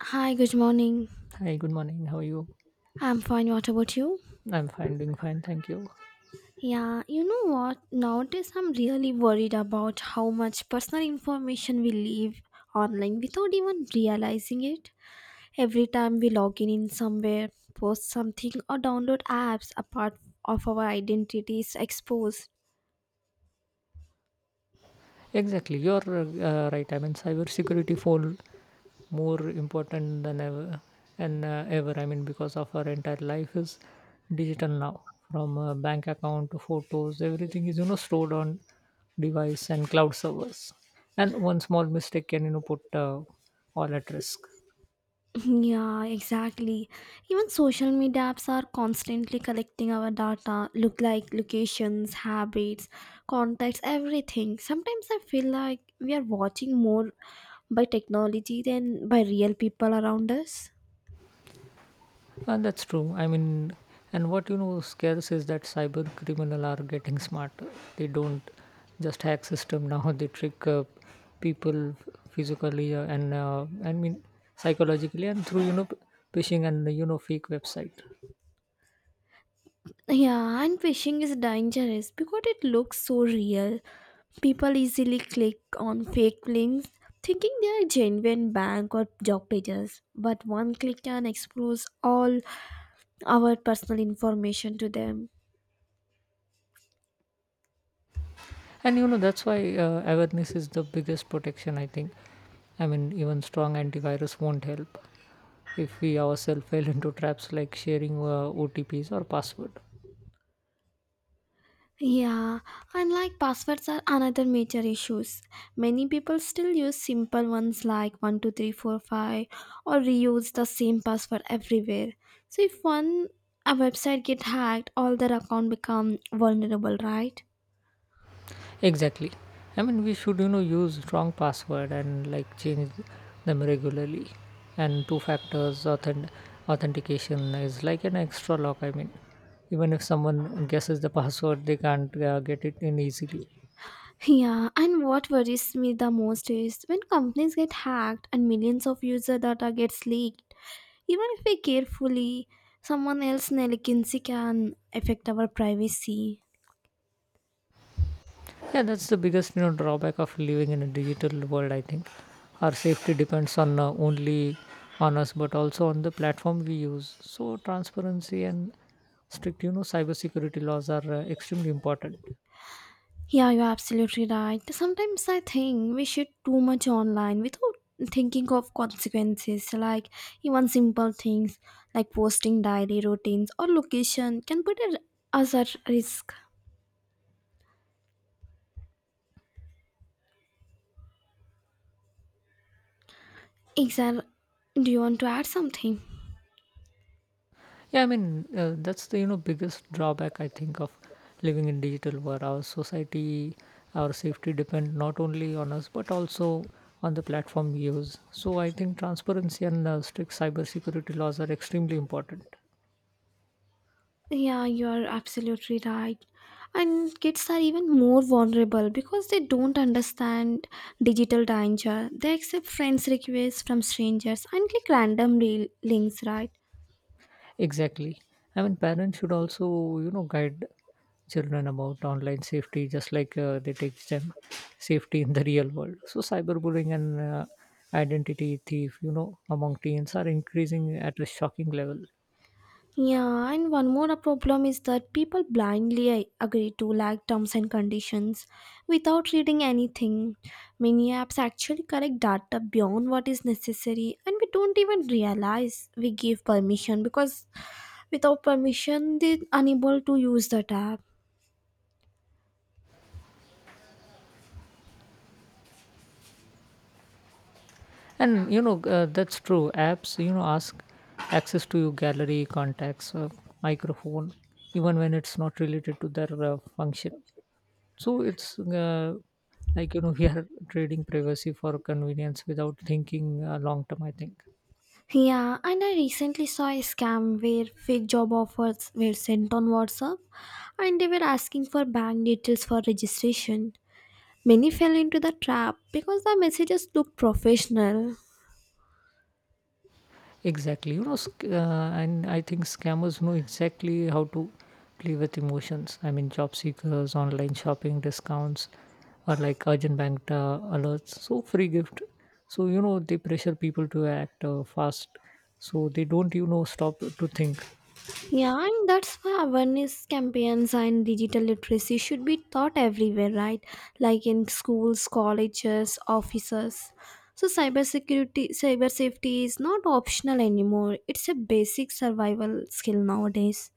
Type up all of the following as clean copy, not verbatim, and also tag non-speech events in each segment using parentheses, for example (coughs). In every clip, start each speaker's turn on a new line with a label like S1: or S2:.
S1: Hi, good morning.
S2: Hi, good morning. How are you?
S1: I'm fine. What about you?
S2: I'm fine, doing fine. Thank you.
S1: Yeah, you know what? Nowadays, I'm really worried about how much personal information we leave online without even realizing it. Every time we log in somewhere, post something, or download apps, a part of our identity is exposed.
S2: Exactly, you're right. I mean, cybersecurity fall more important than ever, and ever. I mean, because of our entire life is digital now. From bank account to photos, everything is stored on device and cloud servers. And one small mistake can put all at risk.
S1: Yeah, exactly. Even social media apps are constantly collecting our data, look like locations, habits, contacts, everything. Sometimes I feel like we are watching more by technology than by real people around us.
S2: And that's true. I mean, and what scares is that cyber criminal are getting smarter. They don't just hack system now. (laughs) They trick people physically and I mean psychologically and through phishing and fake website.
S1: Yeah, and phishing is dangerous because it looks so real. People easily click on fake links thinking they are genuine bank or job pages, but one click can expose all our personal information to them.
S2: And that's why awareness is the biggest protection, I think. I mean, even strong antivirus won't help if we ourselves (laughs) fell into traps like sharing OTPs or password.
S1: Yeah, and like passwords are another major issues. Many people still use simple ones like 12345 or reuse the same password everywhere. So if one a website get hacked, all their account become vulnerable, right?
S2: Exactly. I mean, we should, you know, use strong password and like change them regularly. And authentication is like an extra lock. I mean, even if someone guesses the password, they can't get it in easily.
S1: Yeah, and what worries me the most is when companies get hacked and millions of user data gets leaked. Even if we carefully, someone else's negligence can affect our privacy.
S2: Yeah, that's the biggest, you know, drawback of living in a digital world. I think our safety depends on only on us, but also on the platform we use. So transparency and strict, you know, cybersecurity laws are extremely important.
S1: Yeah, you're absolutely right. Sometimes I think we should too much online without thinking of consequences. Like even simple things like posting diary routines or location can put us at risk. Exactly. Do you want to add something?
S2: Yeah, I mean, that's the, you know, biggest drawback I think of living in digital world. Our society, our safety depend not only on us but also on the platform we use. So I think transparency and strict cybersecurity laws are extremely important.
S1: Yeah, you're absolutely right. And kids are even more vulnerable because they don't understand digital danger. They accept friends' requests from strangers and click random links, right?
S2: Exactly. I mean, parents should also, you know, guide children about online safety just like they teach them safety in the real world. So cyberbullying and identity thief, you know, among teens are increasing at a shocking level.
S1: Yeah, and one more problem is that people blindly agree to like terms and conditions without reading anything. Many apps actually collect data beyond what is necessary, and we don't even realize we give permission because without permission, they're unable to use that app.
S2: And you know, that's true. Apps, you know, ask access to your gallery, contacts, microphone, even when it's not related to their function. So it's like, you know, (laughs) we are trading privacy for convenience without thinking long term, I think.
S1: Yeah, and I recently saw a scam where fake job offers were sent on WhatsApp and they were asking for bank details for registration. Many fell into the trap because the messages looked professional.
S2: Exactly. And I think scammers know exactly how to play with emotions. I mean, job seekers, online shopping discounts, or like urgent bank alerts. So, free gift. So, you know, they pressure people to act fast. So, they don't, you know, stop to think.
S1: Yeah, and that's why awareness campaigns and digital literacy should be taught everywhere, right? Like in schools, colleges, offices. So cybersecurity, cyber safety is not optional anymore. It's a basic survival skill nowadays.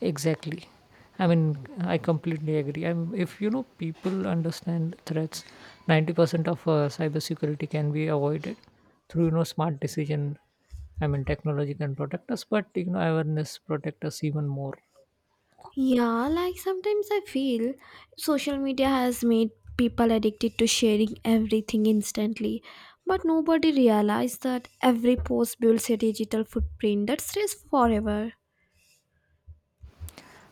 S2: Exactly. I mean, I completely agree. I mean, if you know people understand threats, 90% of cybersecurity can be avoided through smart decision. I mean, technology can protect us, but awareness protect us even more.
S1: Yeah, like sometimes I feel social media has made people addicted to sharing everything instantly, but nobody realizes that every post builds a digital footprint that stays forever.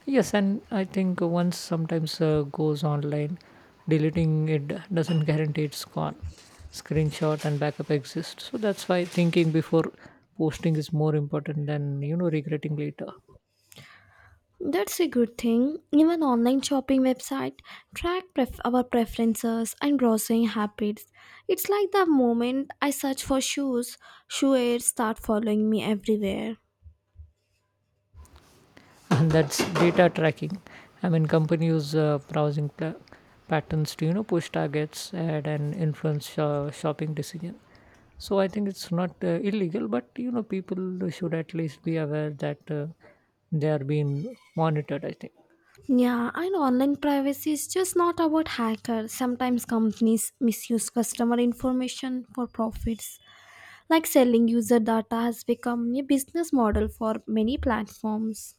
S2: Yes, and I think once sometimes goes online, deleting it doesn't guarantee it's gone. Screenshot and backup exist, so that's why thinking before posting is more important than regretting later.
S1: That's a good thing. Even online shopping website track our preferences and browsing habits. It's like the moment I search for shoes, shoe airs start following me everywhere.
S2: And that's data tracking. I mean, companies patterns to push targets ad and influence shopping decision. So I think it's not illegal, but you know people should at least be aware that they are being monitored, I think.
S1: Yeah, and online privacy is just not about hackers. Sometimes companies misuse customer information for profits. Like selling user data has become a business model for many platforms.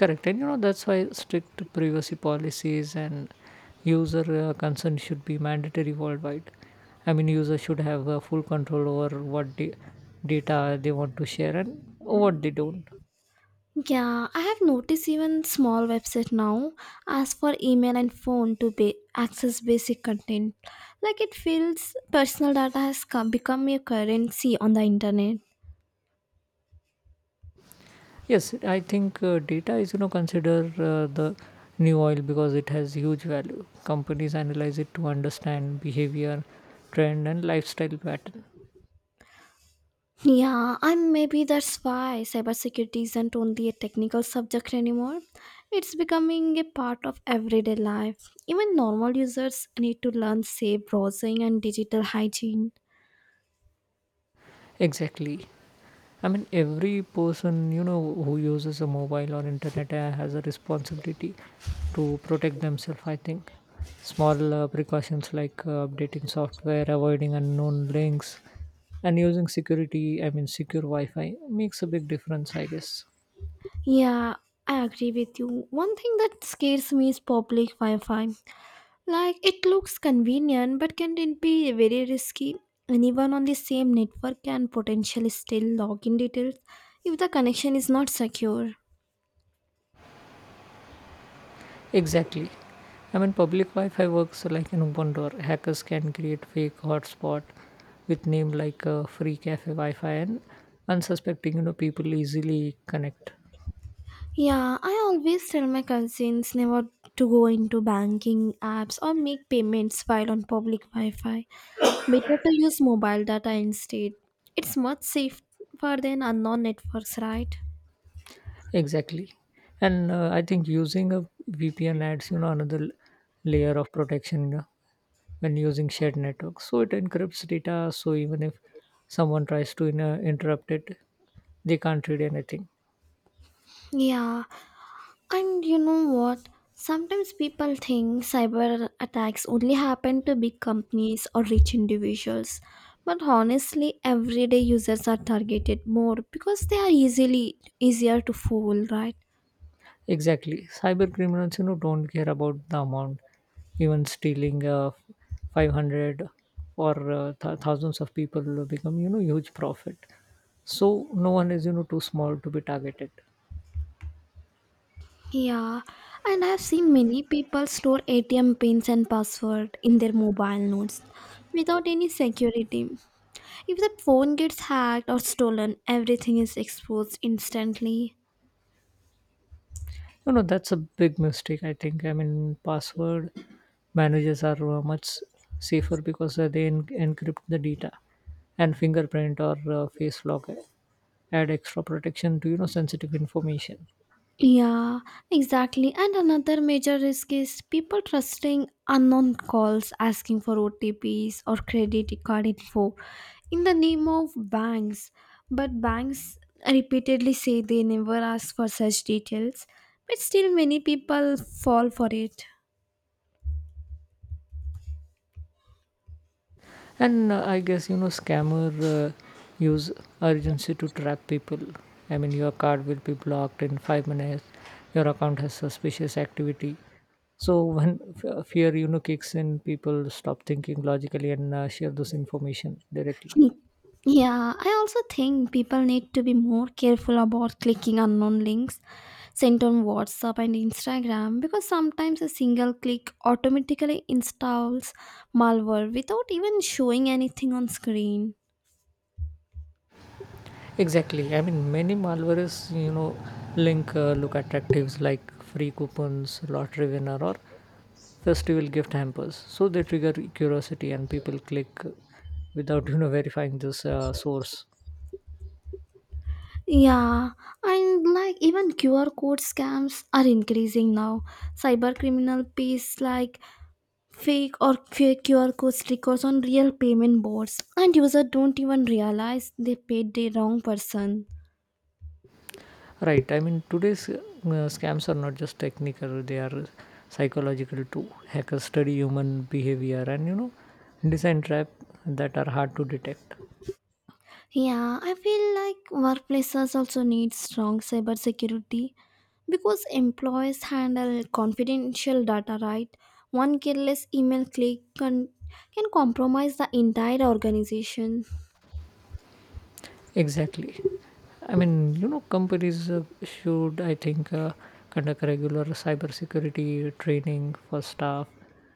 S2: Correct. And you know that's why strict privacy policies and user consent should be mandatory worldwide. I mean, users should have full control over data they want to share and what they don't.
S1: Yeah, I have noticed even small website now ask for email and phone to be access basic content. Like it feels personal data has become a currency on the internet.
S2: Yes, I think data is you know consider the new oil because it has huge value. Companies analyze it to understand behavior, trend, and lifestyle pattern.
S1: Yeah, and maybe that's why cybersecurity isn't only a technical subject anymore. It's becoming a part of everyday life. Even normal users need to learn safe browsing and digital hygiene.
S2: Exactly. I mean, every person you know who uses a mobile or internet has a responsibility to protect themselves. I think small precautions like updating software, avoiding unknown links, and using security. I mean, secure Wi-Fi makes a big difference, I guess.
S1: Yeah, I agree with you. One thing that scares me is public Wi Fi. Like, it looks convenient, but can it be very risky? Anyone on the same network can potentially steal login details if the connection is not secure.
S2: Exactly. I mean, public Wi-Fi works like an open door. Hackers can create fake hotspot with name like free cafe Wi-Fi, and unsuspecting, you know, people easily connect.
S1: Yeah, I always tell my cousins never to go into banking apps or make payments while on public Wi Fi. Better to use mobile data instead. It's much safer than unknown networks, right?
S2: Exactly. And I think using a VPN adds, you know, layer of protection when using shared networks. So it encrypts data. So even if someone tries to you know interrupt it, they can't read anything.
S1: Yeah, and you know what? Sometimes people think cyber attacks only happen to big companies or rich individuals. But honestly, everyday users are targeted more because they are easily easier to fool, right?
S2: Exactly. Cyber criminals, you know, don't care about the amount, even stealing 500 or thousands of people will become, you know, huge profit. So no one is, you know, too small to be targeted.
S1: Yeah, and I've seen many people store ATM pins and password in their mobile notes without any security. If the phone gets hacked or stolen, everything is exposed instantly.
S2: You know, that's a big mistake, I think. I mean, password managers are much safer because encrypt the data, and fingerprint or face lock add extra protection to, you know, sensitive information.
S1: Yeah, exactly. And another major risk is people trusting unknown calls asking for OTPs or credit card info in the name of banks. But banks repeatedly say they never ask for such details, but still, many people fall for it.
S2: And I guess you know scammer uh, use urgency to trap people. I mean, your card will be blocked in 5 minutes, your account has suspicious activity. So when fear you know kicks in, people stop thinking logically and share this information directly.
S1: Yeah, I also think people need to be more careful about clicking unknown links sent on WhatsApp and Instagram because sometimes a single click automatically installs malware without even showing anything on screen.
S2: Exactly. I mean, many malwares, you know, link look attractives like free coupons, lottery winner, or festival gift hampers, so they trigger curiosity and people click without verifying this source.
S1: Yeah, and like even QR code scams are increasing now. Cyber criminal pays like fake QR code stickers on real payment boards, and users don't even realize they paid the wrong person.
S2: Right. I mean, today's scams are not just technical, they are psychological too. Hackers study human behavior and you know design trap that are hard to detect.
S1: Yeah, I feel like workplaces also need strong cybersecurity because employees handle confidential data, right? One careless email click can compromise the entire organization.
S2: Exactly. I mean, you know, companies should, I think, conduct regular cybersecurity training for staff.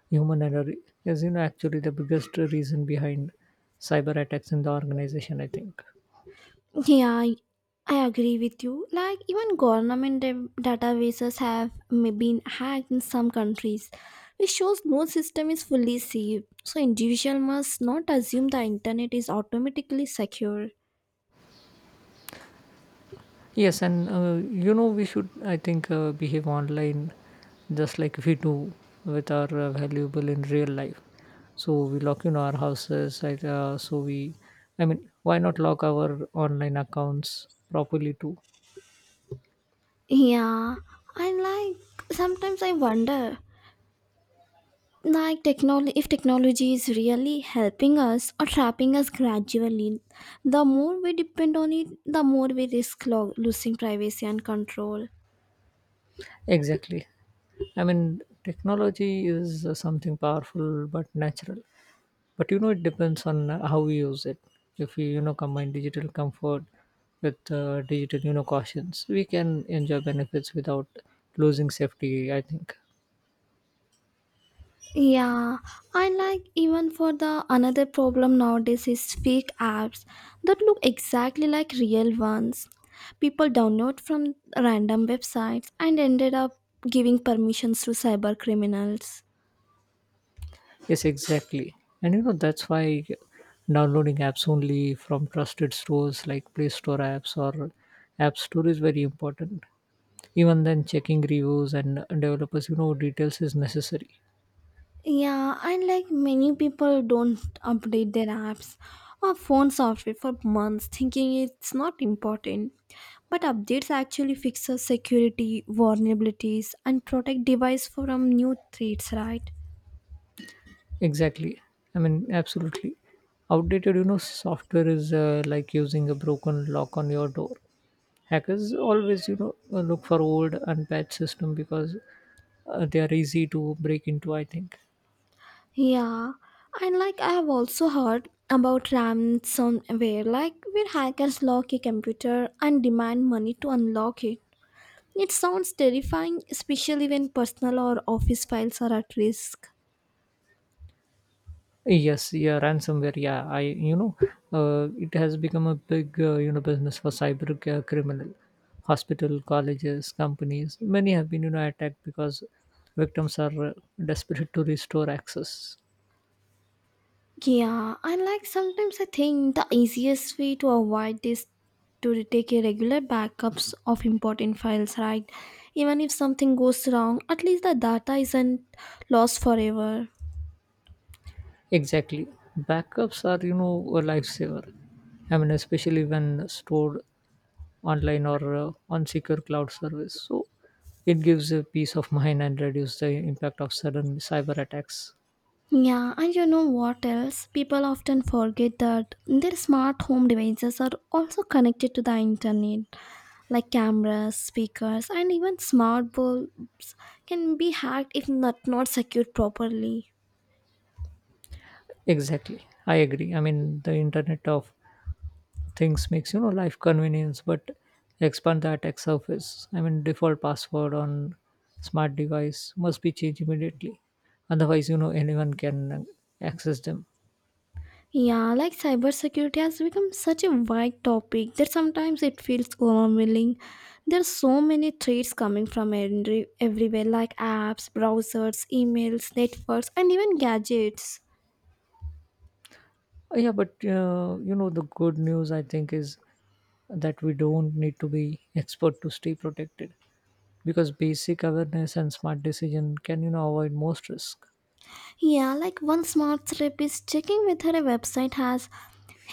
S2: Human error is, you know, actually the biggest reason behind cyber attacks in the organization, I think.
S1: Yeah, I agree with you. Like, even government databases have been hacked in some countries, which shows no system is fully safe. So, individual must not assume the internet is automatically secure.
S2: Yes, and, you know, we should, I think, behave online just like we do with our valuable in real life. So we lock in our houses, like, I mean, why not lock our online accounts properly too?
S1: Yeah, I like sometimes I wonder, like technology, if technology is really helping us or trapping us gradually. The more we depend on it, the more we risk losing privacy and control.
S2: Exactly. I mean, technology is something powerful but natural. But you know, it depends on how we use it. If we, you know, combine digital comfort with digital, you know, cautions, we can enjoy benefits without losing safety, I think.
S1: Yeah, I like even for the another problem nowadays is fake apps that look exactly like real ones. People download from random websites and ended up giving permissions to cyber criminals.
S2: Yes, exactly. And you know, that's why downloading apps only from trusted stores like Play Store apps or App Store is very important. Even then, checking reviews and developers, you know, details is necessary.
S1: Yeah, and like many people don't update their apps or phone software for months thinking it's not important. But updates actually fixes security vulnerabilities and protect device from new threats, right?
S2: Exactly. I mean, absolutely. Outdated, you know, software is like using a broken lock on your door. Hackers always, you know, look for old unpatched system because they are easy to break into, I think.
S1: Yeah, and like I have also heard about ransomware, like where hackers lock a computer and demand money to unlock it. It sounds terrifying, especially when personal or office files are at risk.
S2: Yes, yeah, ransomware. Yeah, I, you know, it has become a big, you know, business for criminal. Hospital, colleges, companies, many have been, you know, attacked because victims are desperate to restore access.
S1: Yeah, and like sometimes I think the easiest way to avoid this to take a regular backups of important files, right? Even if something goes wrong, at least the data isn't lost forever.
S2: Exactly. Backups are, you know, a lifesaver. I mean, especially when stored online or on secure cloud service. So it gives a peace of mind and reduce the impact of sudden cyber attacks.
S1: Yeah, and you know what else? People often forget that their smart home devices are also connected to the internet, like cameras, speakers, and even smart bulbs can be hacked if not secured properly.
S2: Exactly. I agree. I mean, the internet of things makes, you know, life convenience, but expand the attack surface. I mean, default password on smart device must be changed immediately. Otherwise, you know, anyone can access them.
S1: Yeah, like cybersecurity has become such a wide topic that sometimes it feels overwhelming. There are so many threats coming from everywhere, like apps, browsers, emails, networks, and even gadgets.
S2: Yeah, but you know, the good news I think is that we don't need to be expert to stay protected because basic awareness and smart decision can, you know, avoid most risk.
S1: Yeah, like one smart tip is checking whether a website has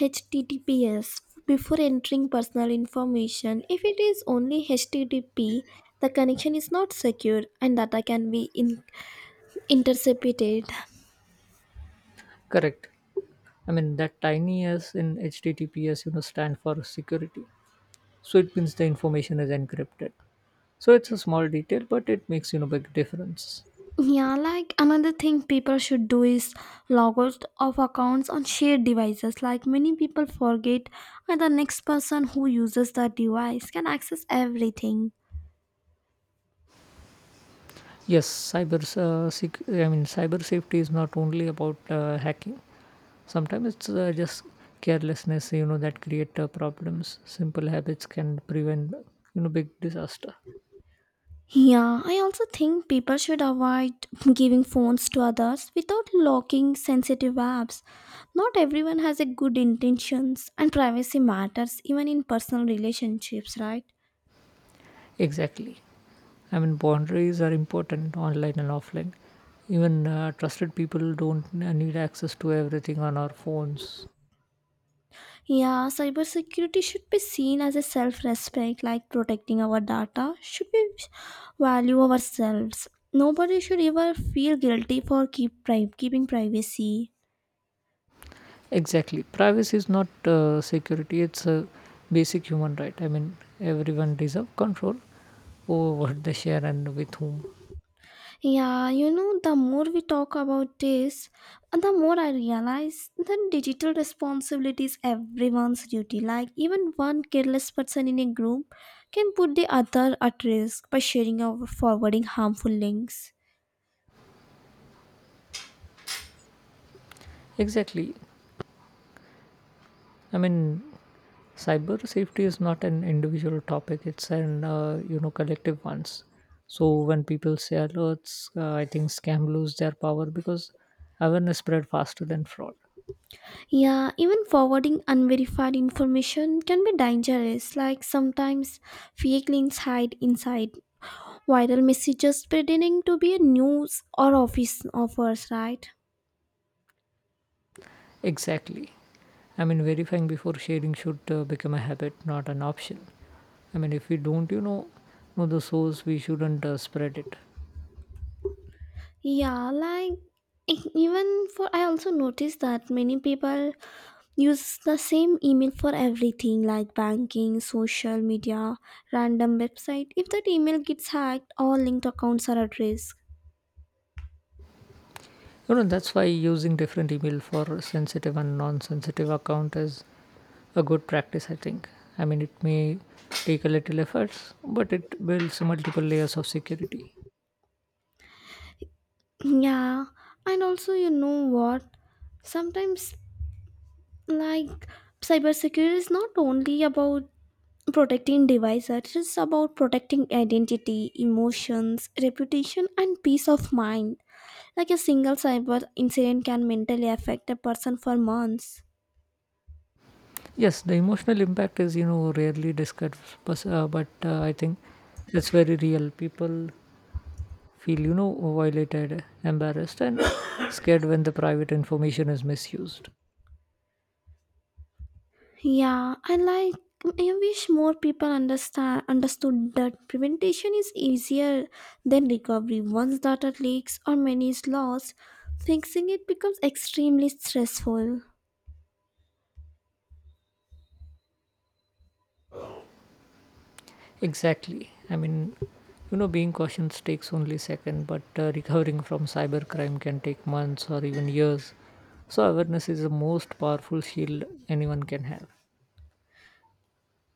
S1: HTTPS before entering personal information. If it is only HTTP, the connection is not secure and data can be intercepted.
S2: Correct. I mean, that tiny s in HTTPS, you know, stand for security. So it means the information is encrypted. So it's a small detail, but it makes, you know, big difference.
S1: Yeah, like another thing people should do is logos of accounts on shared devices. Like many people forget and the next person who uses the device can access everything.
S2: Yes, I mean, cyber safety is not only about hacking. Sometimes it's just carelessness you know that create problems. Simple habits can prevent big disaster.
S1: Yeah, I also think people should avoid giving phones to others without locking sensitive apps. Not everyone has a good intentions and privacy matters even in personal relationships, right?
S2: Exactly. I mean, boundaries are important online and offline. Even trusted people don't need access to everything on our phones.
S1: Yeah, cybersecurity should be seen as a self respect, like protecting our data, should we value ourselves. Nobody should ever feel guilty for keeping privacy.
S2: Exactly. Privacy is not security, it's a basic human right. I mean, everyone deserve control over (laughs) what they share and with whom.
S1: Yeah, you know, the more we talk about this, the more I realize that digital responsibility is everyone's duty. Like, even one careless person in a group can put the other at risk by sharing or forwarding harmful links.
S2: Exactly. I mean, cyber safety is not an individual topic, it's an you know collective ones. So when people say alerts, I think scam lose their power because awareness spread faster than fraud.
S1: Yeah, even forwarding unverified information can be dangerous. Like sometimes fake links hide inside viral messages pretending to be a news or office offers, right?
S2: Exactly. I mean, verifying before sharing should become a habit, not an option. I mean, if we don't know the source we shouldn't spread it.
S1: Yeah, like e- even for I also noticed that many people use the same email for everything like banking, social media, random website. If that email gets hacked, all linked accounts are at risk.
S2: You know that's why using different email for sensitive and non-sensitive account is a good practice, I think. I mean, it may take a little efforts, but it builds multiple layers of security.
S1: Yeah, and also you know what? Sometimes like cybersecurity is not only about protecting devices, it is about protecting identity, emotions, reputation and peace of mind. Like a single cyber incident can mentally affect a person for months.
S2: Yes, the emotional impact is, you know, rarely discussed, but, I think it's very real. People feel, you know, violated, embarrassed, and (coughs) scared when the private information is misused.
S1: Yeah, I like I wish more people understand understood that prevention is easier than recovery. Once data leaks or money is lost, fixing it becomes extremely stressful.
S2: Exactly. I mean, you know, being cautious takes only second, but recovering from cybercrime can take months or even years. So awareness is the most powerful shield anyone can have.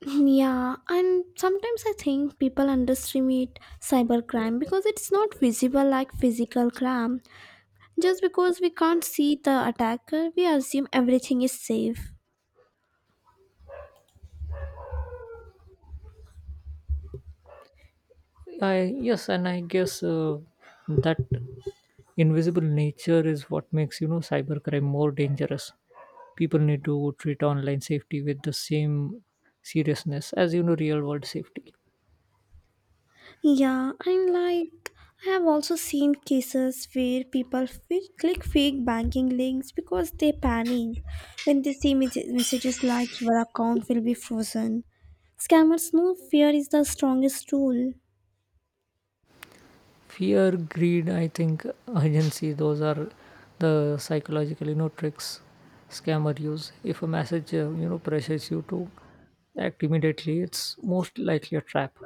S1: Yeah, and sometimes I think people underestimate cybercrime because it's not visible like physical crime. Just because we can't see the attacker, we assume everything is safe.
S2: I yes, and I guess that invisible nature is what makes cybercrime more dangerous. People need to treat online safety with the same seriousness as real world safety.
S1: Yeah, and like I have also seen cases where people click fake banking links because they panic when they see messages like your account will be frozen. Scammers know fear is the strongest tool.
S2: Fear, greed, I think, urgency, those are the psychological tricks scammer use. If a message pressures you to act immediately, it's most likely a trap.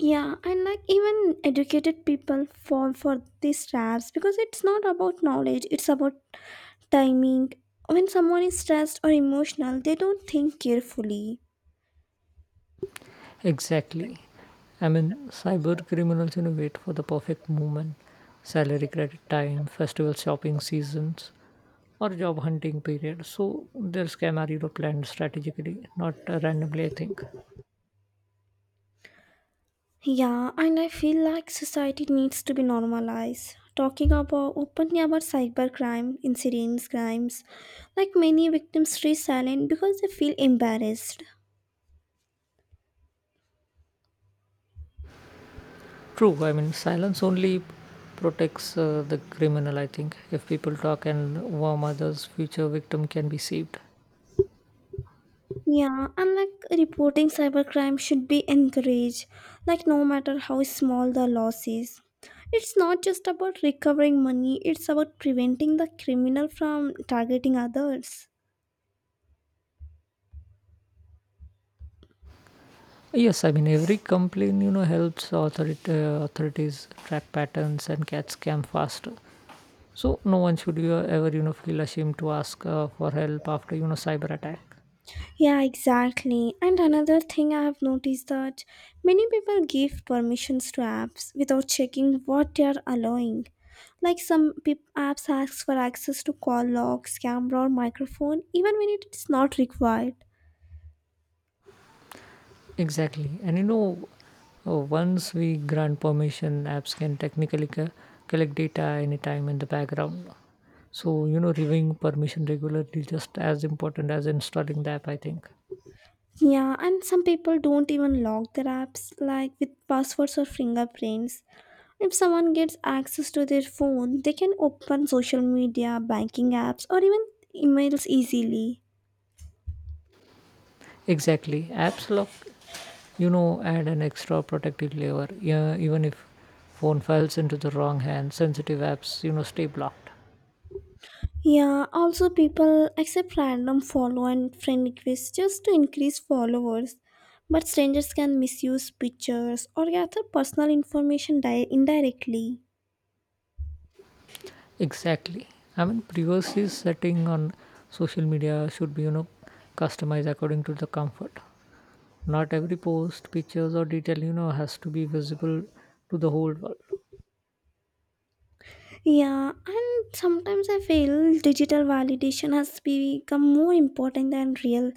S1: Yeah, and like even educated people fall for these traps because it's not about knowledge, it's about timing. When someone is stressed or emotional, they don't think carefully.
S2: Exactly. I mean, cyber criminals, wait for the perfect moment, salary credit time, festival shopping seasons, or job hunting period, so their scam are, planned strategically, not randomly, I think.
S1: Yeah, and I feel like society needs to be normalized. Talking about openly about cybercrime, incidents, crimes, like many victims stay silent because they feel embarrassed.
S2: True. I mean, silence only protects the criminal, I think. If people talk and warn others, future victim can be saved.
S1: Yeah, and like reporting cybercrime should be encouraged, like no matter how small the loss is. It's not just about recovering money, it's about preventing the criminal from targeting others.
S2: Yes, I mean, every complaint, helps authority, authorities track patterns and catch scam faster. So no one should you ever, feel ashamed to ask for help after, cyber attack.
S1: Yeah, exactly. And another thing I have noticed that many people give permissions to apps without checking what they are allowing. Like some peop apps ask for access to call logs, camera, or microphone, even when it's not required.
S2: Exactly. And, once we grant permission, apps can technically collect data anytime in the background. So, reviewing permission regularly is just as important as installing the app, I think.
S1: Yeah, and some people don't even lock their apps like with passwords or fingerprints. If someone gets access to their phone, they can open social media, banking apps, or even emails easily.
S2: Exactly. Apps lock, add an extra protective layer. Yeah, even if phone falls into the wrong hand, sensitive apps, stay blocked.
S1: Yeah, also people accept random follow and friend requests just to increase followers. But strangers can misuse pictures or gather personal information indirectly.
S2: Exactly. I mean, privacy setting on social media should be, customized according to the comfort. Not every post, pictures, or detail, has to be visible to the whole world.
S1: Yeah, and sometimes I feel digital validation has become more important than real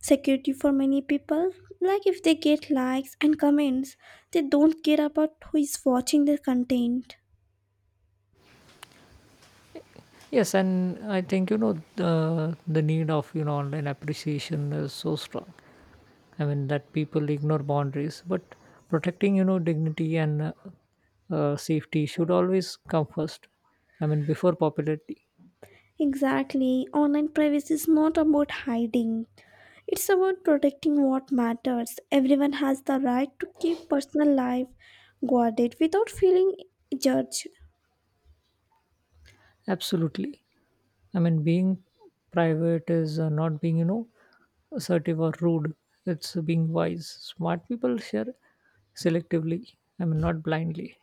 S1: security for many people. Like if they get likes and comments, they don't care about who is watching their content.
S2: Yes, and I think the need of online appreciation is so strong. I mean that people ignore boundaries, but protecting dignity and safety should always come first. I mean before popularity.
S1: Exactly, online privacy is not about hiding. It's about protecting what matters. Everyone has the right to keep personal life guarded without feeling judged.
S2: Absolutely. I mean being private is not being assertive or rude. It's being wise. Smart people share selectively. I mean not blindly.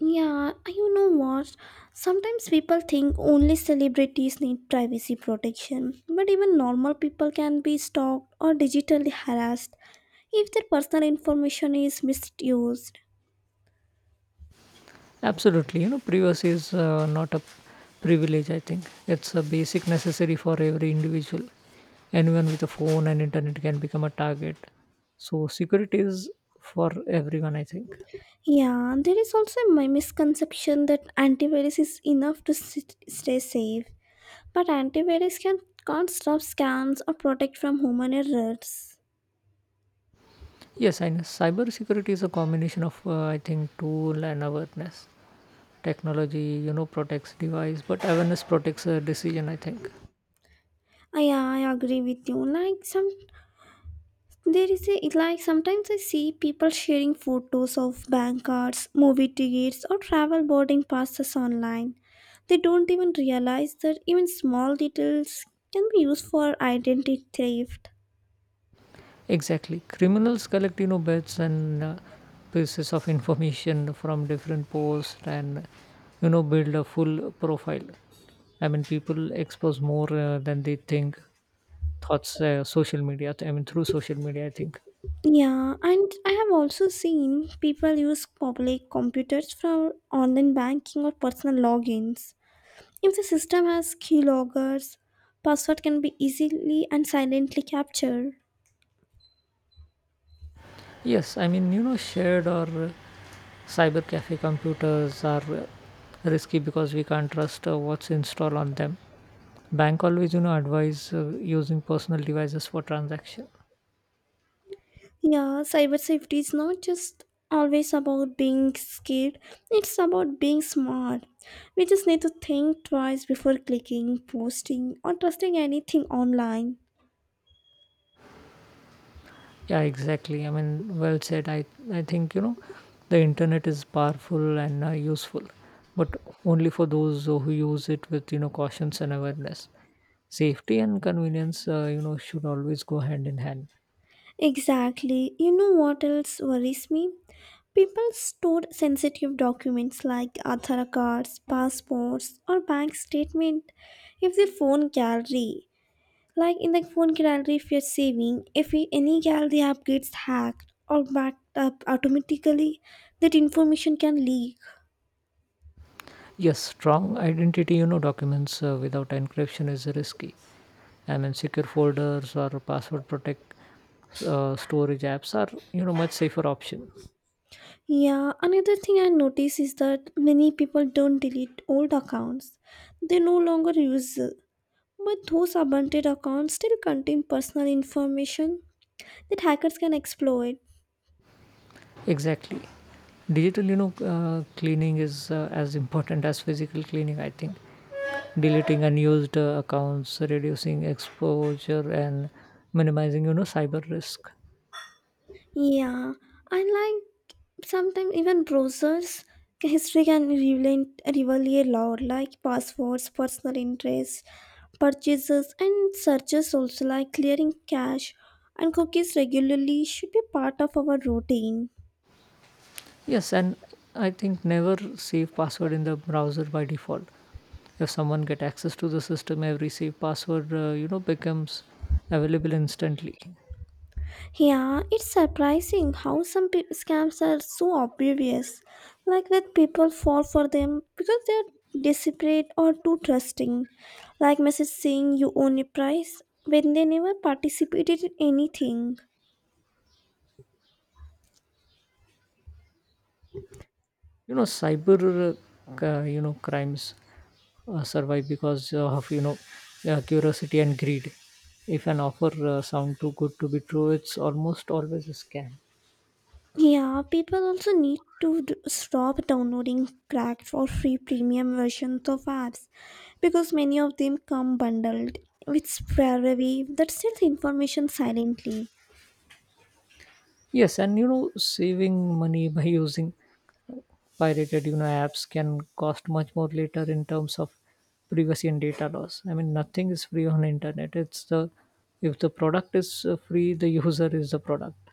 S1: Yeah, you know what? Sometimes people think only celebrities need privacy protection, but even normal people can be stalked or digitally harassed if their personal information is misused.
S2: Absolutely, privacy is not a privilege, I think. It's a basic necessary for every individual. Anyone with a phone and internet can become a target. So, security is for everyone, I think.
S1: Yeah, there is also my misconception that antivirus is enough to stay safe, but antivirus can can't stop scams or protect from human errors.
S2: Yes, I know cyber security is a combination of, I think, tool and awareness. Technology, protects device, but awareness protects a decision, I think.
S1: Ah, yeah, I agree with you. Like some There is a like sometimes I see people sharing photos of bank cards, movie tickets, or travel boarding passes online. They don't even realize that even small details can be used for identity theft.
S2: Exactly. Criminals collect, bits and pieces of information from different posts and, build a full profile. I mean, people expose more than they think. Thoughts, social media, I mean, through social media, I think.
S1: Yeah, and I have also seen people use public computers for online banking or personal logins. If the system has keyloggers, password can be easily and silently captured.
S2: Yes, I mean, shared or cyber cafe computers are risky because we can't trust what's installed on them. Bank always, advise using personal devices for transaction.
S1: Yeah, cyber safety is not just always about being scared, it's about being smart. We just need to think twice before clicking, posting, or trusting anything online.
S2: Yeah, exactly. I mean, well said. I think, the internet is powerful and useful, but only for those who use it with cautions and awareness. Safety and convenience, should always go hand in hand.
S1: Exactly. You know what else worries me? People store sensitive documents like Aadhaar cards, passports, or bank statement in their phone gallery. Like in the phone gallery, if you're saving, if we- any gallery app gets hacked or backed up automatically, that information can leak.
S2: Yes, strong identity, documents without encryption is risky. I mean, secure folders or password protect storage apps are, much safer option.
S1: Yeah, another thing I notice is that many people don't delete old accounts. They no longer use it. But those abandoned accounts still contain personal information that hackers can exploit.
S2: Exactly. Digital, cleaning is as important as physical cleaning, I think. Deleting unused accounts, reducing exposure, and minimizing, cyber risk.
S1: Yeah, I like sometimes even browsers history can reveal a lot, like passwords, personal interests, purchases, and searches also. Like clearing cache and cookies regularly should be part of our routine.
S2: Yes, and I think never save password in the browser by default. If someone get access to the system, every saved password, becomes available instantly.
S1: Yeah, it's surprising how some scams are so obvious, like that people fall for them because they're desperate or too trusting, like message saying you own a price when they never participated in anything.
S2: Cyber crimes survive because of curiosity and greed. If an offer sound too good to be true, it's almost always a scam.
S1: Yeah, people also need to stop downloading cracked or free premium versions of apps because many of them come bundled with shareware that steals information silently.
S2: Yes, and saving money (laughs) by using pirated apps can cost much more later in terms of privacy and data loss. I mean nothing is free on internet. It's the if the product is free, the user is the product.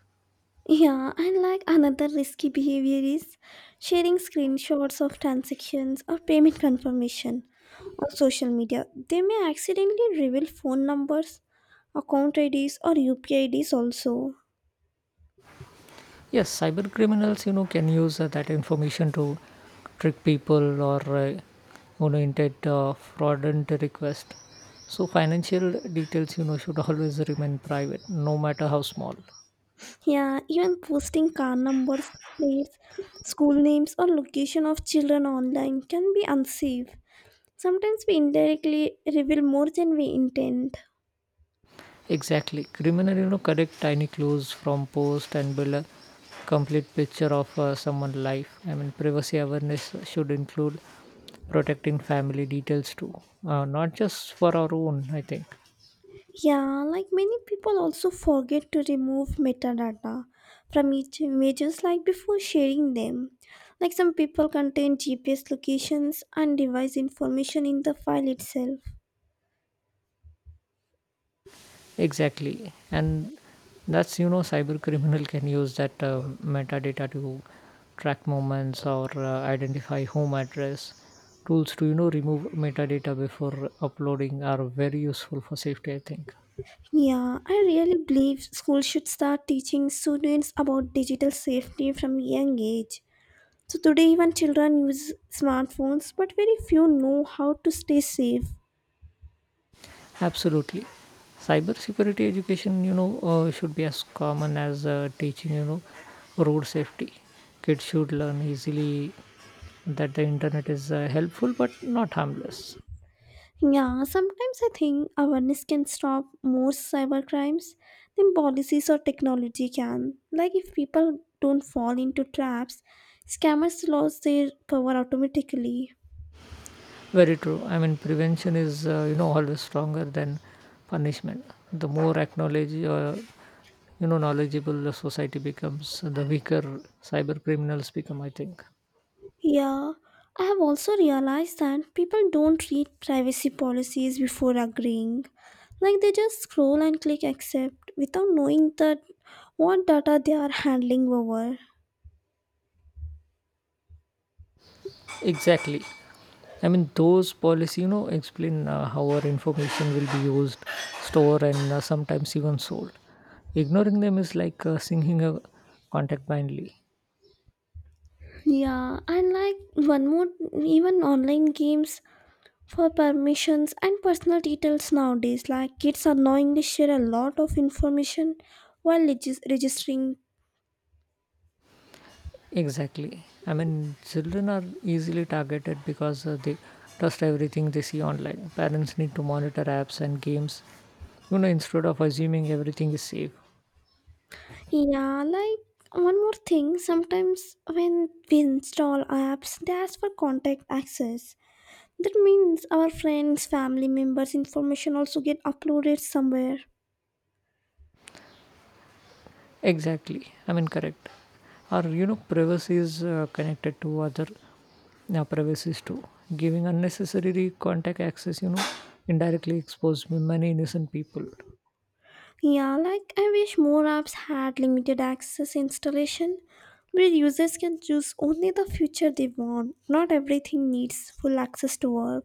S1: Yeah, and like another risky behavior is sharing screenshots of transactions or payment confirmation on social media. They may accidentally reveal phone numbers, account IDs, or UPI IDs also.
S2: Yes, cyber criminals, can use that information to trick people or, intent fraudulent request. So financial details, should (laughs) always remain private, no matter how small.
S1: Yeah, even posting car numbers, plates, school names, or location of children online can be unsafe. Sometimes we indirectly reveal more than we intend.
S2: Exactly, criminal, collect tiny clues from post and build a complete picture of someone's life. I mean, privacy awareness should include protecting family details too, not just for our own. I think.
S1: Yeah, like many people also forget to remove metadata from each images like before sharing them. Like some people contain GPS locations and device information in the file itself.
S2: Exactly, and that's cyber criminal can use that metadata to track movements or identify home address. Tools to, remove metadata before uploading are very useful for safety. I think
S1: Yeah, I really believe schools should start teaching students about digital safety from young age. So today even children use smartphones, but very few know how to stay safe.
S2: absolutely. Cybersecurity education, should be as common as teaching, road safety. Kids should learn easily that the internet is helpful but not harmless.
S1: Yeah, sometimes I think awareness can stop most cyber crimes than policies or technology can. Like if people don't fall into traps, scammers lose their power automatically.
S2: Very true. I mean, prevention is, always stronger than punishment. The more acknowledge, knowledgeable the society becomes, the weaker cyber criminals become, I think.
S1: Yeah, I have also realized that people don't read privacy policies before agreeing. Like they just scroll and click accept without knowing that what data they are handling over.
S2: Exactly. I mean, those policy, explain how our information will be used, stored, and sometimes even sold. Ignoring them is like singing a contact blindly.
S1: Yeah, and like one more, even online games for permissions and personal details nowadays. Like kids unknowingly share a lot of information while registering.
S2: Exactly. I mean, children are easily targeted because they trust everything they see online. Parents need to monitor apps and games, instead of assuming everything is safe.
S1: Yeah, like one more thing, sometimes when we install apps, they ask for contact access. That means our friends, family members' information also get uploaded somewhere.
S2: Exactly. I mean, correct. Or, privacy is connected to other privacies too. Giving unnecessary contact access, indirectly expose many innocent people.
S1: Yeah, like I wish more apps had limited access installation, where users can choose only the feature they want. Not everything needs full access to work.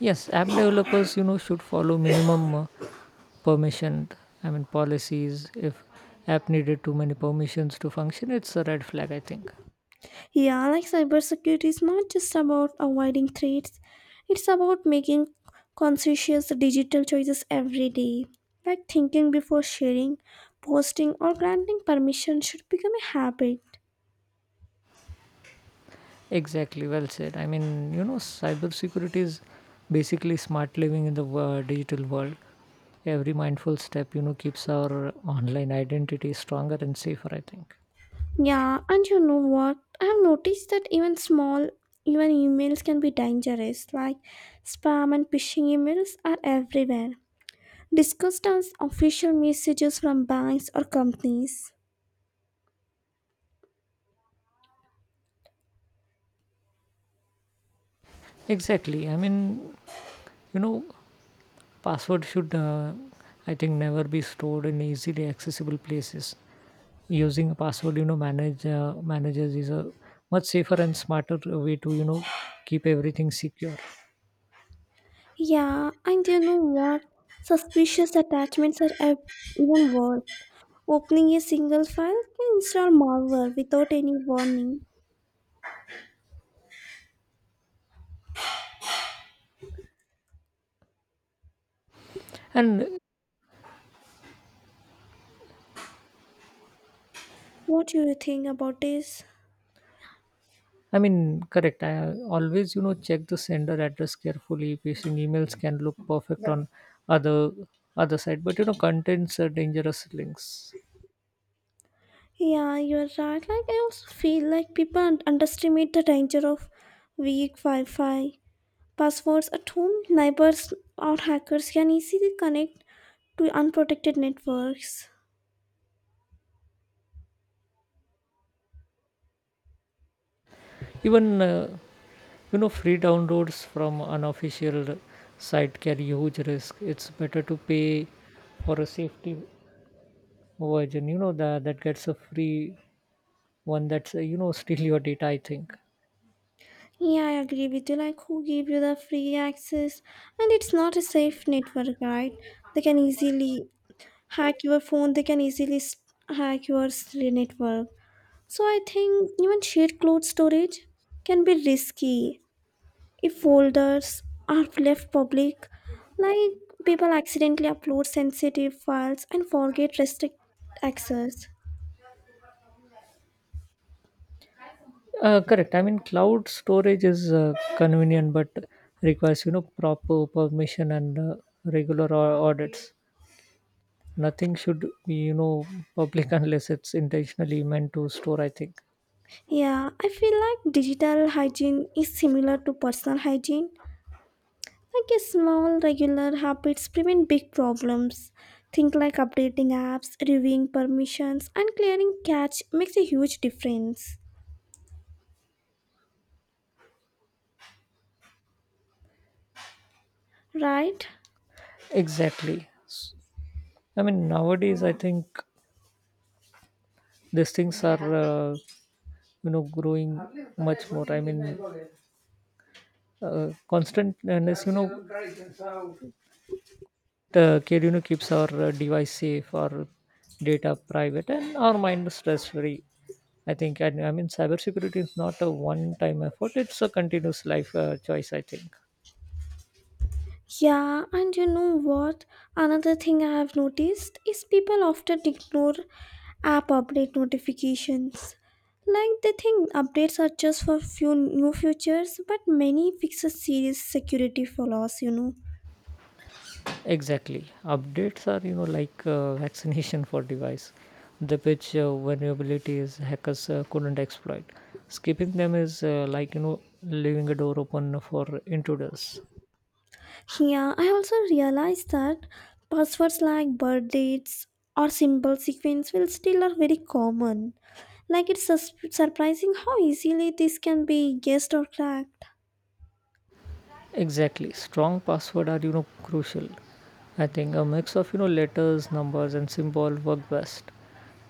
S2: Yes, app developers, should follow minimum permission, I mean policies. If app needed too many permissions to function, it's a red flag, I think.
S1: Yeah, like cybersecurity is not just about avoiding threats, it's about making conscientious digital choices every day. Like thinking before sharing, posting, or granting permission should become a habit.
S2: Exactly, well said. I mean, cybersecurity is basically smart living in the digital world. Every mindful step, keeps our online identity stronger and safer, I think.
S1: Yeah, and you know what? I have noticed that even small, even emails can be dangerous. Like spam and phishing emails are everywhere, discussed as official messages from banks or companies.
S2: Exactly. I mean, you know password should I think never be stored in easily accessible places. Using a password, managers is a much safer and smarter way to, keep everything secure.
S1: Yeah, and you know what? Suspicious attachments are even worse. Opening a single file can install malware without any warning.
S2: And
S1: What do you think about this?
S2: I mean correct. I always, check the sender address carefully. Phishing emails can look perfect on other other side, but contains dangerous links.
S1: Yeah, you're right. Like I also feel like people underestimate the danger of weak Wi-Fi passwords at home. Neighbors or hackers can easily connect to unprotected networks.
S2: Even free downloads from unofficial site carry huge risk. It's better to pay for a safety version, that gets a free one that's steal your data, I think.
S1: Yeah, I agree with you. Like, who gave you the free access? And it's not a safe network, right? They can easily hack your phone, they can easily hack your network. So, I think even shared cloud storage can be risky if folders are left public. Like, people accidentally upload sensitive files and forget restrict access.
S2: Correct. I mean cloud storage is convenient but requires, proper permission and regular audits. Nothing should be, public (laughs) unless it's intentionally meant to store, I think.
S1: Yeah, I feel like digital hygiene is similar to personal hygiene. I guess small regular habits prevent big problems. Think like updating apps, reviewing permissions, and clearing cache makes a huge difference, right?
S2: Exactly. I mean nowadays I think these things are growing much more, I mean constant and the kid, keeps our device safe, our data private, and our mind stress free. I think, and I mean, cybersecurity is not a one time effort, it's a continuous life choice, I think.
S1: Yeah, and you know what? Another thing I have noticed is people often ignore app update notifications. Like they think updates are just for few new features, but many fixes serious security flaws, you know.
S2: Exactly. Updates are, like (laughs) vaccination for device. The pitch vulnerabilities hackers couldn't exploit. Skipping them is like, leaving a door open for intruders.
S1: Yeah, I also realized that passwords like birth dates or symbol sequence will still are very common. Like it's surprising how easily this can be guessed or cracked.
S2: Exactly. Strong password are, crucial. I think a mix of, letters, numbers and symbol work best.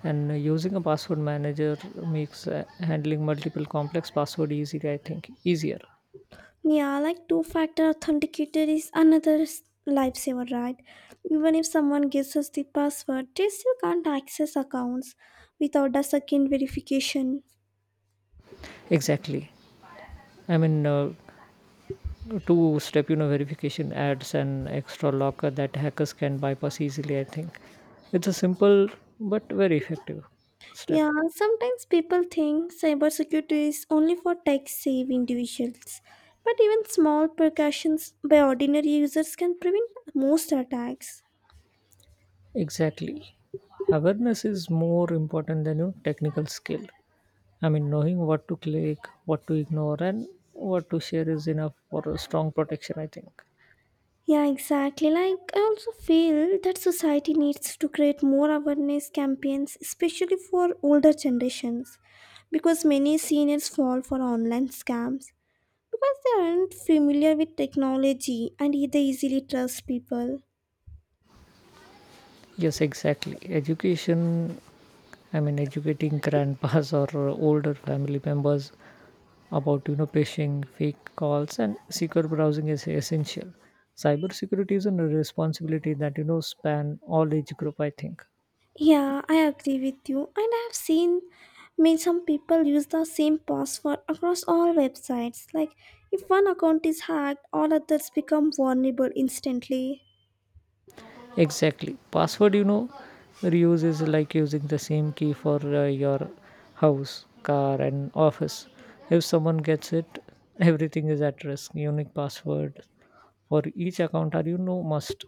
S2: And using a password manager makes handling multiple complex password easy, I think, easier.
S1: Yeah, like two-factor authenticator is another lifesaver, right? Even if someone guesses the password, they still can't access accounts without a second verification.
S2: Exactly. I mean, two step, verification adds an extra locker that hackers can bypass easily, I think. It's a simple but very effective step.
S1: Yeah, sometimes people think cybersecurity is only for tech savvy individuals, but even small precautions by ordinary users can prevent most attacks.
S2: Exactly. Awareness is more important than your technical skill. I mean, knowing what to click, what to ignore, and what to share is enough for a strong protection, I think.
S1: Yeah, exactly. Like, I also feel that society needs to create more awareness campaigns, especially for older generations, because many seniors fall for online scams because they aren't familiar with technology and they easily trust people.
S2: Yes, exactly. Education, I mean, educating grandpas (laughs) or older family members about, phishing, fake calls, and secure browsing is essential. Cybersecurity is a responsibility that, span all age group, I think.
S1: Yeah, I agree with you. And I have seen me some people use the same password across all websites. Like if one account is hacked, all others become vulnerable instantly.
S2: Exactly, password, reuse is like using the same key for your house, car and office. If someone gets it (laughs) everything is at risk. Unique password for each account are, must.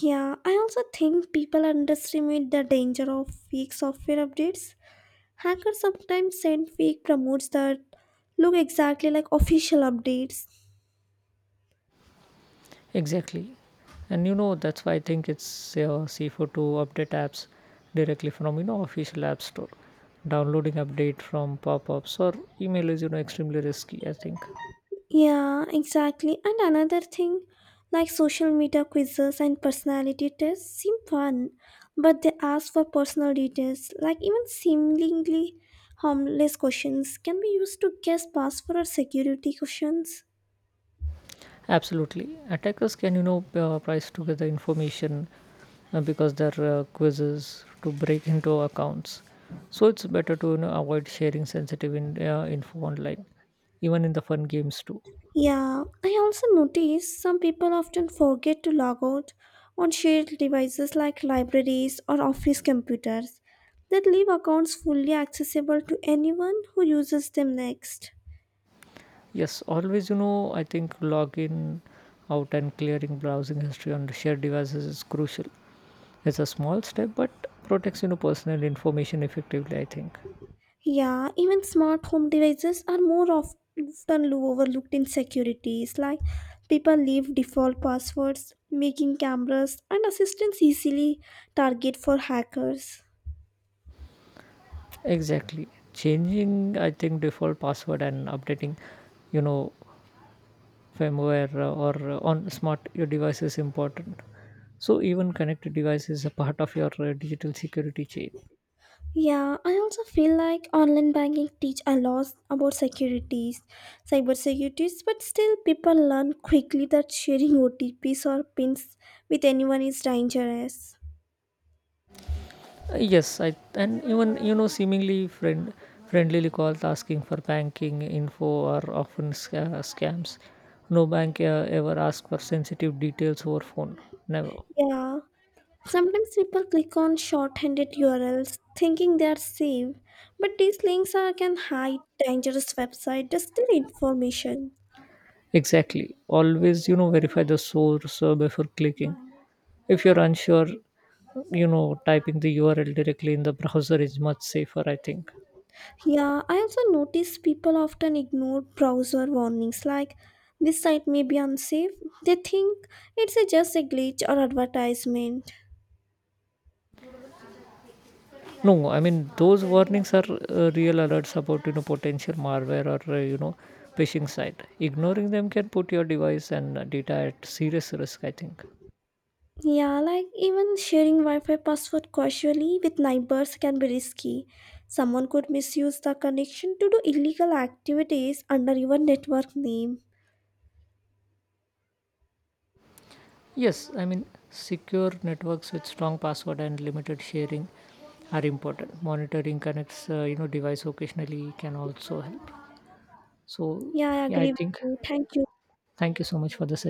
S1: Yeah, I also think people underestimate the danger of fake software updates. Hackers sometimes send fake promotes that look exactly like official updates.
S2: Exactly, and that's why I think it's safer to update apps directly from, official app store. Downloading update from pop-ups or email is, extremely risky, I think.
S1: Yeah, exactly. And another thing, like social media quizzes and personality tests seem fun, but they ask for personal details. Like even seemingly harmless questions can be used to guess password or security questions.
S2: Absolutely. Attackers can, price together information because there are quizzes to break into accounts. So it's better to, avoid sharing sensitive info online, even in the fun games too.
S1: Yeah, I also notice some people often forget to log out on shared devices like libraries or office computers that leave accounts fully accessible to anyone who uses them next.
S2: Yes, always, I think login, out, and clearing browsing history on shared devices is crucial. It's a small step, but protects, personal information effectively, I think.
S1: Yeah, even smart home devices are often overlooked in securities. Like people leave default passwords, making cameras and assistants easily target for hackers.
S2: Exactly. Changing, I think, default password and updating, you know, firmware or on smart your device is important, so even connected device is a part of your digital security chain.
S1: Yeah, I also feel like online banking teach a lot about securities, cyber securities, but still people learn quickly that sharing OTPs or pins with anyone is dangerous.
S2: Yes I, and even seemingly friendly calls asking for banking info are often scams. No bank ever asks for sensitive details over phone. Never.
S1: Yeah. Sometimes people click on short-handed URLs thinking they are safe, but these links are, can hide dangerous website that information.
S2: Exactly, always, verify the source before clicking. If you're unsure, you know typing the url directly in the browser is much safer, I think.
S1: Yeah, I also notice people often ignore browser warnings like this site may be unsafe. They think it's a, just a glitch or advertisement.
S2: No, I mean those warnings are real alerts about, potential malware or phishing site. Ignoring them can put your device and data at serious risk, I think.
S1: Yeah, like even sharing Wi-Fi password casually with neighbors can be risky. Someone could misuse the connection to do illegal activities under your network name.
S2: Yes, I mean secure networks with strong password and limited sharing are important. Monitoring connects device occasionally can also help. So
S1: Yeah, I
S2: yeah, I
S1: agree with
S2: think
S1: you. Thank you.
S2: thank you so much for the session.